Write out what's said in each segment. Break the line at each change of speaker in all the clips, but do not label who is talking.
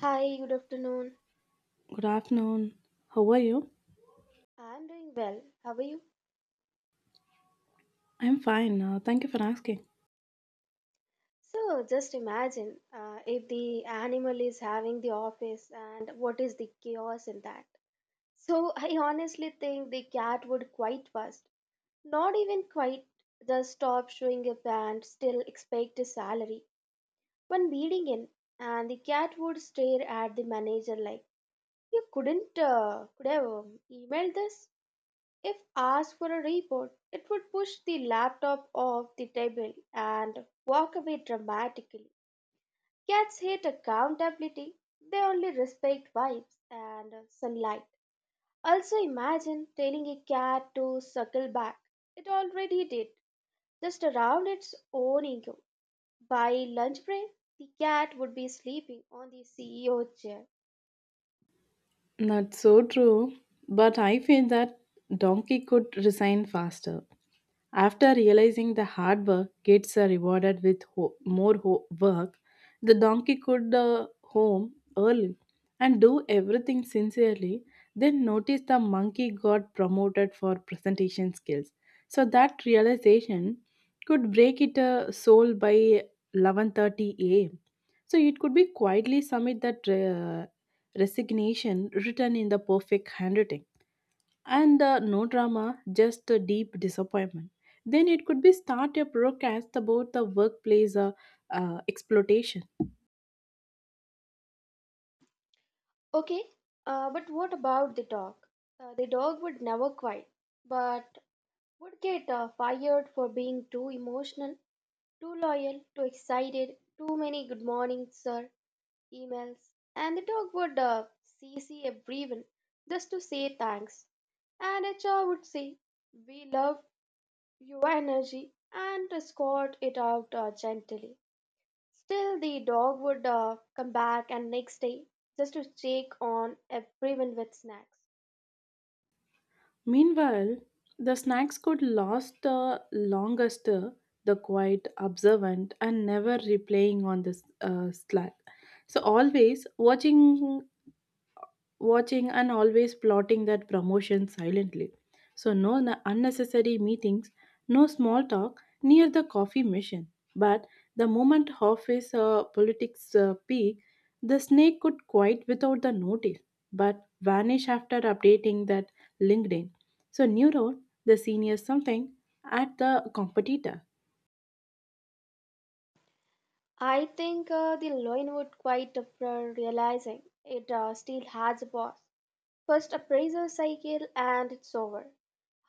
Hi, good afternoon.
Good afternoon. How are you?
I'm doing well. How are you?
I'm fine. Thank you for asking.
So, just imagine if the animal is having the office and what is the chaos in that. So, I honestly think the cat would quite fast. Not even quite, just stop showing up and still expect a salary. One beating in, and the cat would stare at the manager like, you couldn't, could have emailed this? If asked for a report, it would push the laptop off the table and walk away dramatically. Cats hate accountability, they only respect vibes and sunlight. Also, imagine telling a cat to suckle back. It already did, just around its own ego. By lunch break, the cat would be sleeping on the CEO chair.
That's so true. But I feel that Donkey could resign faster. After realizing the hard work gets rewarded with more work, the donkey could home early and do everything sincerely. Then notice the monkey got promoted for presentation skills. So that realization could break it soul by 11:30 a.m. So it could be quietly submit that resignation written in the perfect handwriting and no drama, just a deep disappointment. Then it could be start a broadcast about the workplace exploitation.
Okay, but what about the dog? The dog would never quiet but would get fired for being too emotional, too loyal, too excited, too many good morning, sir, emails, and the dog would CC everyone just to say thanks. And HR would say, we love your energy and escort it out gently. Still, the dog would come back and next day just to check on everyone with snacks.
Meanwhile, the snacks could last the longest, the quiet, observant, and never replaying on the slack. So always watching and always plotting that promotion silently. So, no unnecessary meetings, no small talk near the coffee machine. But the moment office politics peak, the snake could quit without the notice, but vanish after updating that LinkedIn. So, new role, the senior something at the competitor.
I think the loan would quite after realizing it still has a boss. First appraisal cycle and it's over.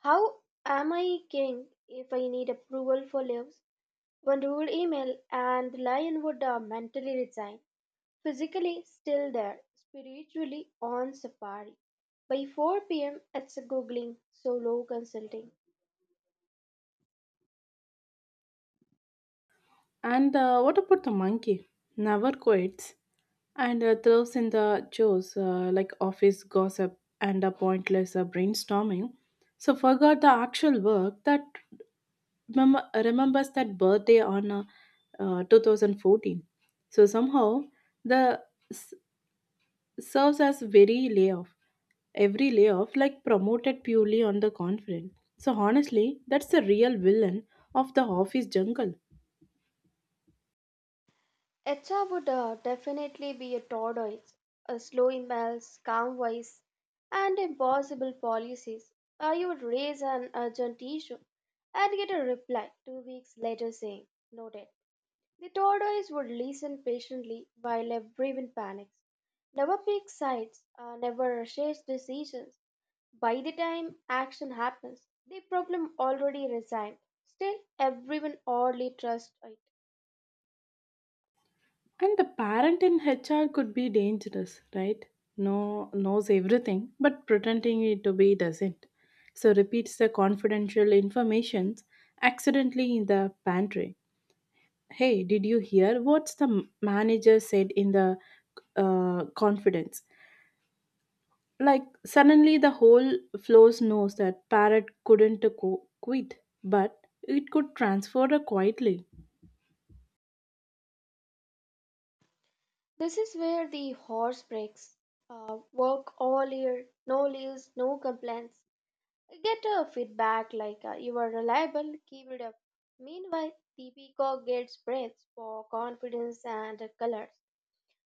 How am I king if I need approval for leaves? One rude email and the lion would mentally resign. Physically still there, spiritually on safari. By 4 p.m., it's a googling, solo consulting.
And what about the monkey? Never quits and throws in the chores like office gossip and a pointless brainstorming. So forgot the actual work that remembers that birthday on 2014. So somehow the s- serves as very layoff, every layoff like promoted purely on the confident. So honestly, that's the real villain of the office jungle.
HR would definitely be a tortoise, a slow emails, calm voice, and impossible policies. You would raise an urgent issue and get a reply 2 weeks later saying, noted. The tortoise would listen patiently while everyone panics. Never picks sides, never shares decisions. By the time action happens, the problem already resigned. Still, everyone oddly trusts it.
And the parent in HR could be dangerous, right? No knows everything, but pretending it to be doesn't. So repeats the confidential informations accidentally in the pantry. Hey, did you hear what's the manager said in the confidence? Like suddenly the whole floors knows that parrot couldn't quit, but it could transfer her quietly.
This is where the horse breaks. Work all year, no leaves, no complaints. Get a feedback like you are reliable, keep it up. Meanwhile, the peacock gets praise for confidence and colors.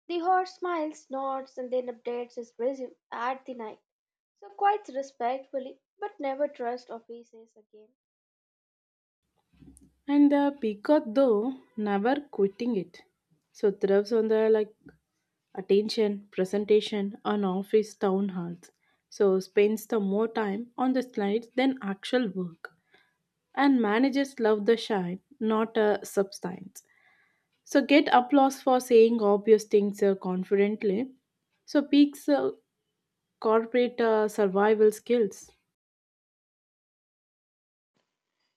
The horse smiles, nods, and then updates his resume at the night. So, quite respectfully, but never trust offices again.
And the peacock, though, never quitting it. So thrives on the like attention, presentation, on office town halls. So spends the more time on the slides than actual work. And managers love the shine, not a substance. So get applause for saying obvious things confidently. So peaks corporate survival skills.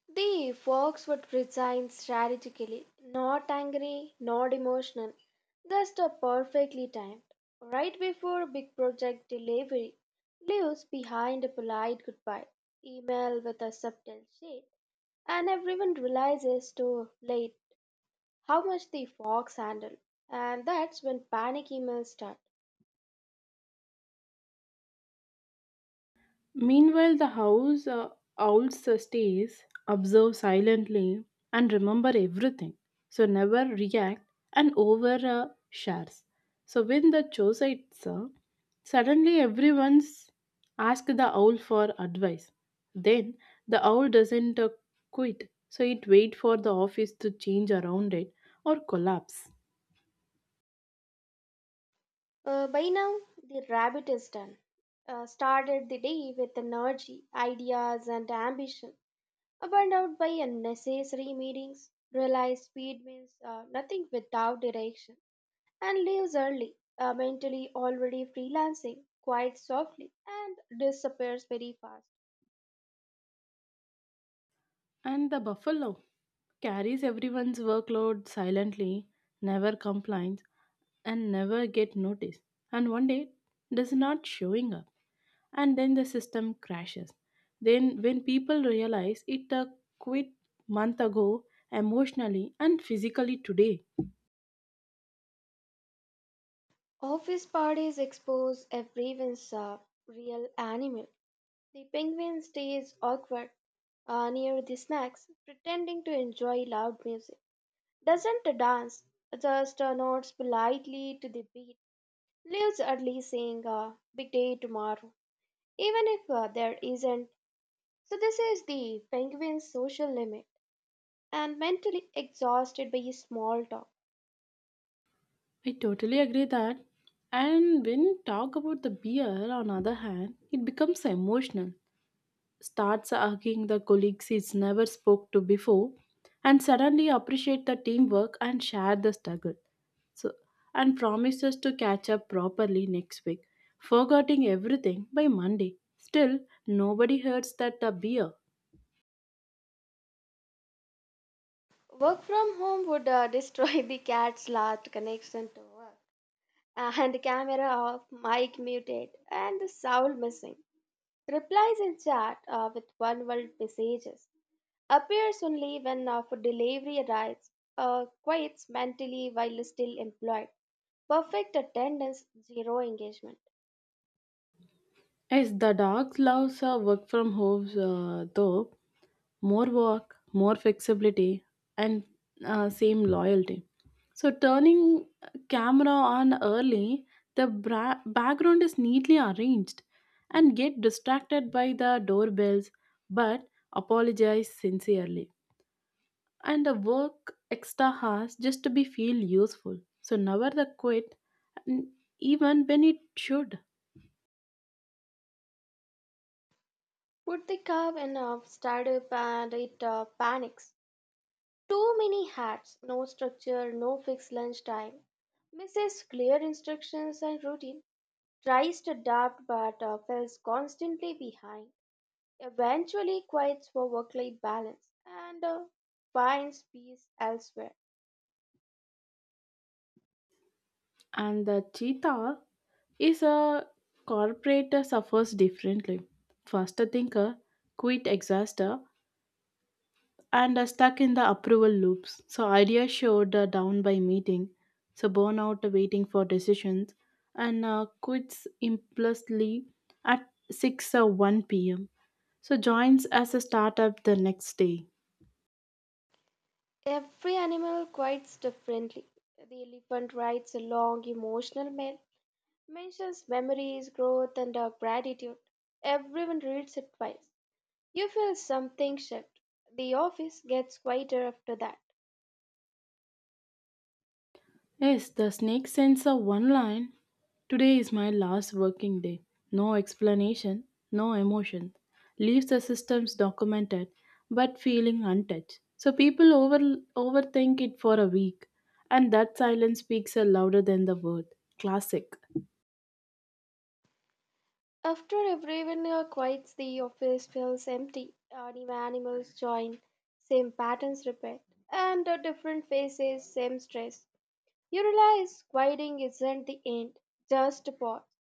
The fox would resign strategically, not angry, not emotional, just a perfectly timed, right before big project delivery, leaves behind a polite goodbye, email with a subtle shade, and everyone realizes too late how much the fox handled, and that's when panic emails start.
Meanwhile, the house owls stays, observe silently, and remember everything. So never react and over shares. So when the choosites, suddenly everyone's ask the owl for advice. Then the owl doesn't quit, so it wait for the office to change around it or collapse.
By now, the rabbit is done. Started the day with energy, ideas, and ambition. Burned out by unnecessary meetings, realize speed means nothing without direction, and leaves early, mentally already freelancing quite softly, and disappears very fast.
And the buffalo carries everyone's workload silently, never complains, and never get noticed. And one day does not showing up. And then the system crashes. Then when people realize it quit month ago emotionally and physically today.
Office parties expose everyone's real animal. The penguin stays awkward near the snacks, pretending to enjoy loud music. Doesn't dance, just nods politely to the beat. Leaves early saying, big day tomorrow, even if there isn't. So, this is the penguin's social limit and mentally exhausted by small talk.
I totally agree that. And when talk about the beer on other hand, it becomes emotional starts hugging the colleagues he's never spoke to before and suddenly appreciate the teamwork and share the struggle so and promises to catch up properly next week forgetting everything by Monday still nobody hears that the beer.
Work from home would destroy the cat's last connection to work. And the camera off, mic muted, and the sound missing. Replies in chat with one word messages. Appears only when food delivery arrives. Quiets mentally while still employed. Perfect attendance, zero engagement.
Yes, the dog loves work from home though more work, more flexibility, and same loyalty. So, turning camera on early, the background is neatly arranged and get distracted by the doorbells, but apologize sincerely. And the work extra hours just to be feel useful. So, never the quit, n- even when it should.
Put the calf in a startup and it panics. Too many hats, no structure, no fixed lunch time. Misses clear instructions and routine. Tries to adapt but falls constantly behind. Eventually quits for work life balance and finds peace elsewhere.
And the cheetah is a corporate suffers differently. Faster thinker, quit exhauster, and are stuck in the approval loops. So ideas showed down by meeting, so burnout waiting for decisions, and quits impulsively at 6 or 1 p.m. So joins as a startup the next day.
Every animal quits differently. The elephant writes a long emotional mail, mentions memories, growth, and gratitude. Everyone reads it twice. You feel something shift. The office gets quieter after that.
Yes, the snake sends a one line. Today is my last working day. No explanation, no emotion. Leaves the systems documented, but feeling untouched. So people overthink it for a week, and that silence speaks a louder than the word. Classic.
After everyone quiets, the office feels empty. New animals join, same patterns repeat, and different faces, same stress. You realize quieting isn't the end, just a pause.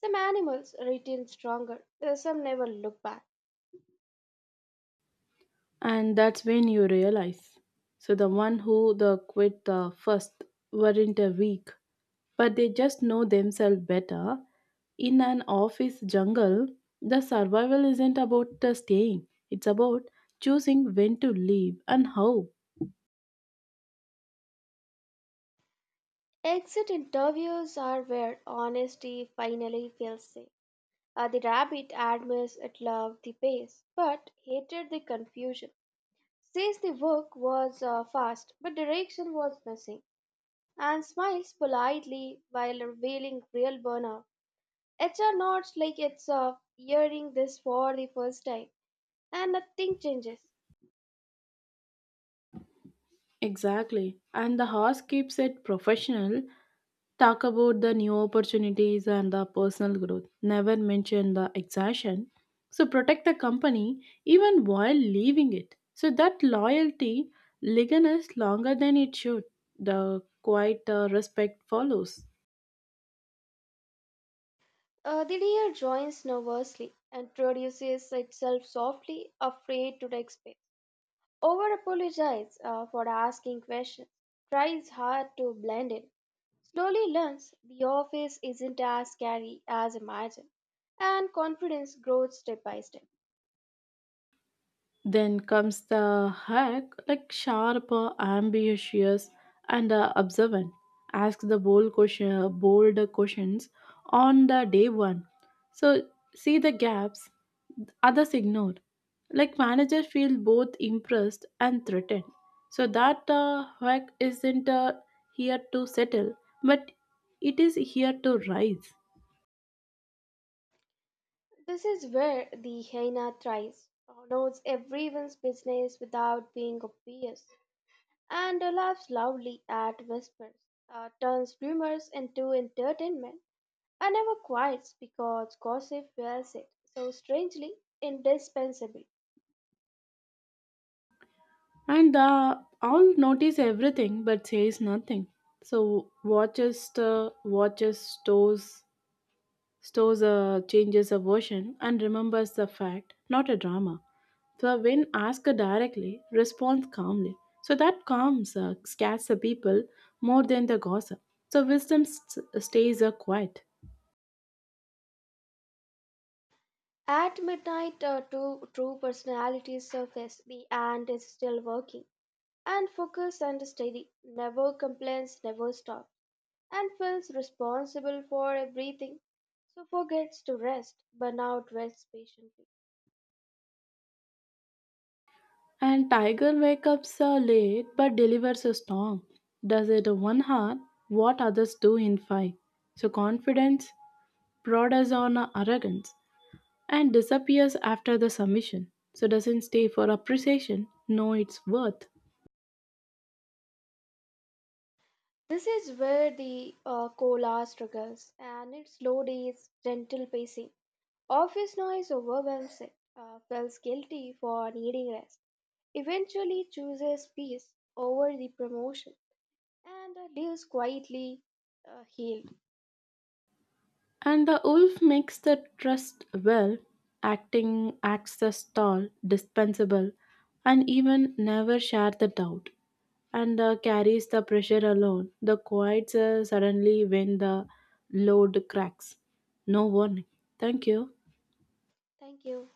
Some animals return stronger, some never look back.
And that's when you realize. So the one who the quit the first weren't a weak, but they just know themselves better. In an office jungle, the survival isn't about the staying, it's about choosing when to leave and how.
Exit interviews are where honesty finally feels safe. The rabbit admires it loved the pace, but hated the confusion. Says the work was fast, but direction was missing, and smiles politely while revealing real burnout. HR nods like it's hearing this for the first time, and nothing changes.
Exactly. And the horse keeps it professional, talk about the new opportunities and the personal growth, never mention the exhaustion. So protect the company even while leaving it. So that loyalty lingers longer than it should. The quiet respect follows.
The deer joins nervously, introduces itself softly, afraid to take space. Over apologizes for asking questions, tries hard to blend in, slowly learns the office isn't as scary as imagined, and confidence grows step by step.
Then comes the hack, like sharp, ambitious, and observant. Ask the bold bold questions on the day one. So see the gaps others ignore. Like manager feel both impressed and threatened. So that hack isn't here to settle, but it is here to rise.
This is where the hyena thrives, knows everyone's business without being obvious, and laughs loudly at whispers, turns rumors into entertainment, and never quiets because gossip wears it so strangely indispensable.
And all notice everything but says nothing. So watches the watches stores changes a version and remembers the fact, not a drama. So when asked directly, responds calmly. So that calms scares the people more than the gossip. So wisdom stays quiet.
At midnight, two true personalities surface. The ant is still working and focused and steady, never complains, never stops, and feels responsible for everything, so forgets to rest. Burnout waits patiently.
And tiger wakes up late but delivers a storm. Does it one heart what others do in five. So confidence brought us on our arrogance, and disappears after the submission, so doesn't stay for appreciation, know its worth.
This is where the cola struggles, and its slow days, gentle pacing. Office noise overwhelms it, feels guilty for needing rest, eventually chooses peace over the promotion, and lives quietly healed.
And the wolf makes the trust well, acting acts as tall, dispensable, and even never share the doubt. And carries the pressure alone. The quiets suddenly when the load cracks. No warning. Thank you.
Thank you.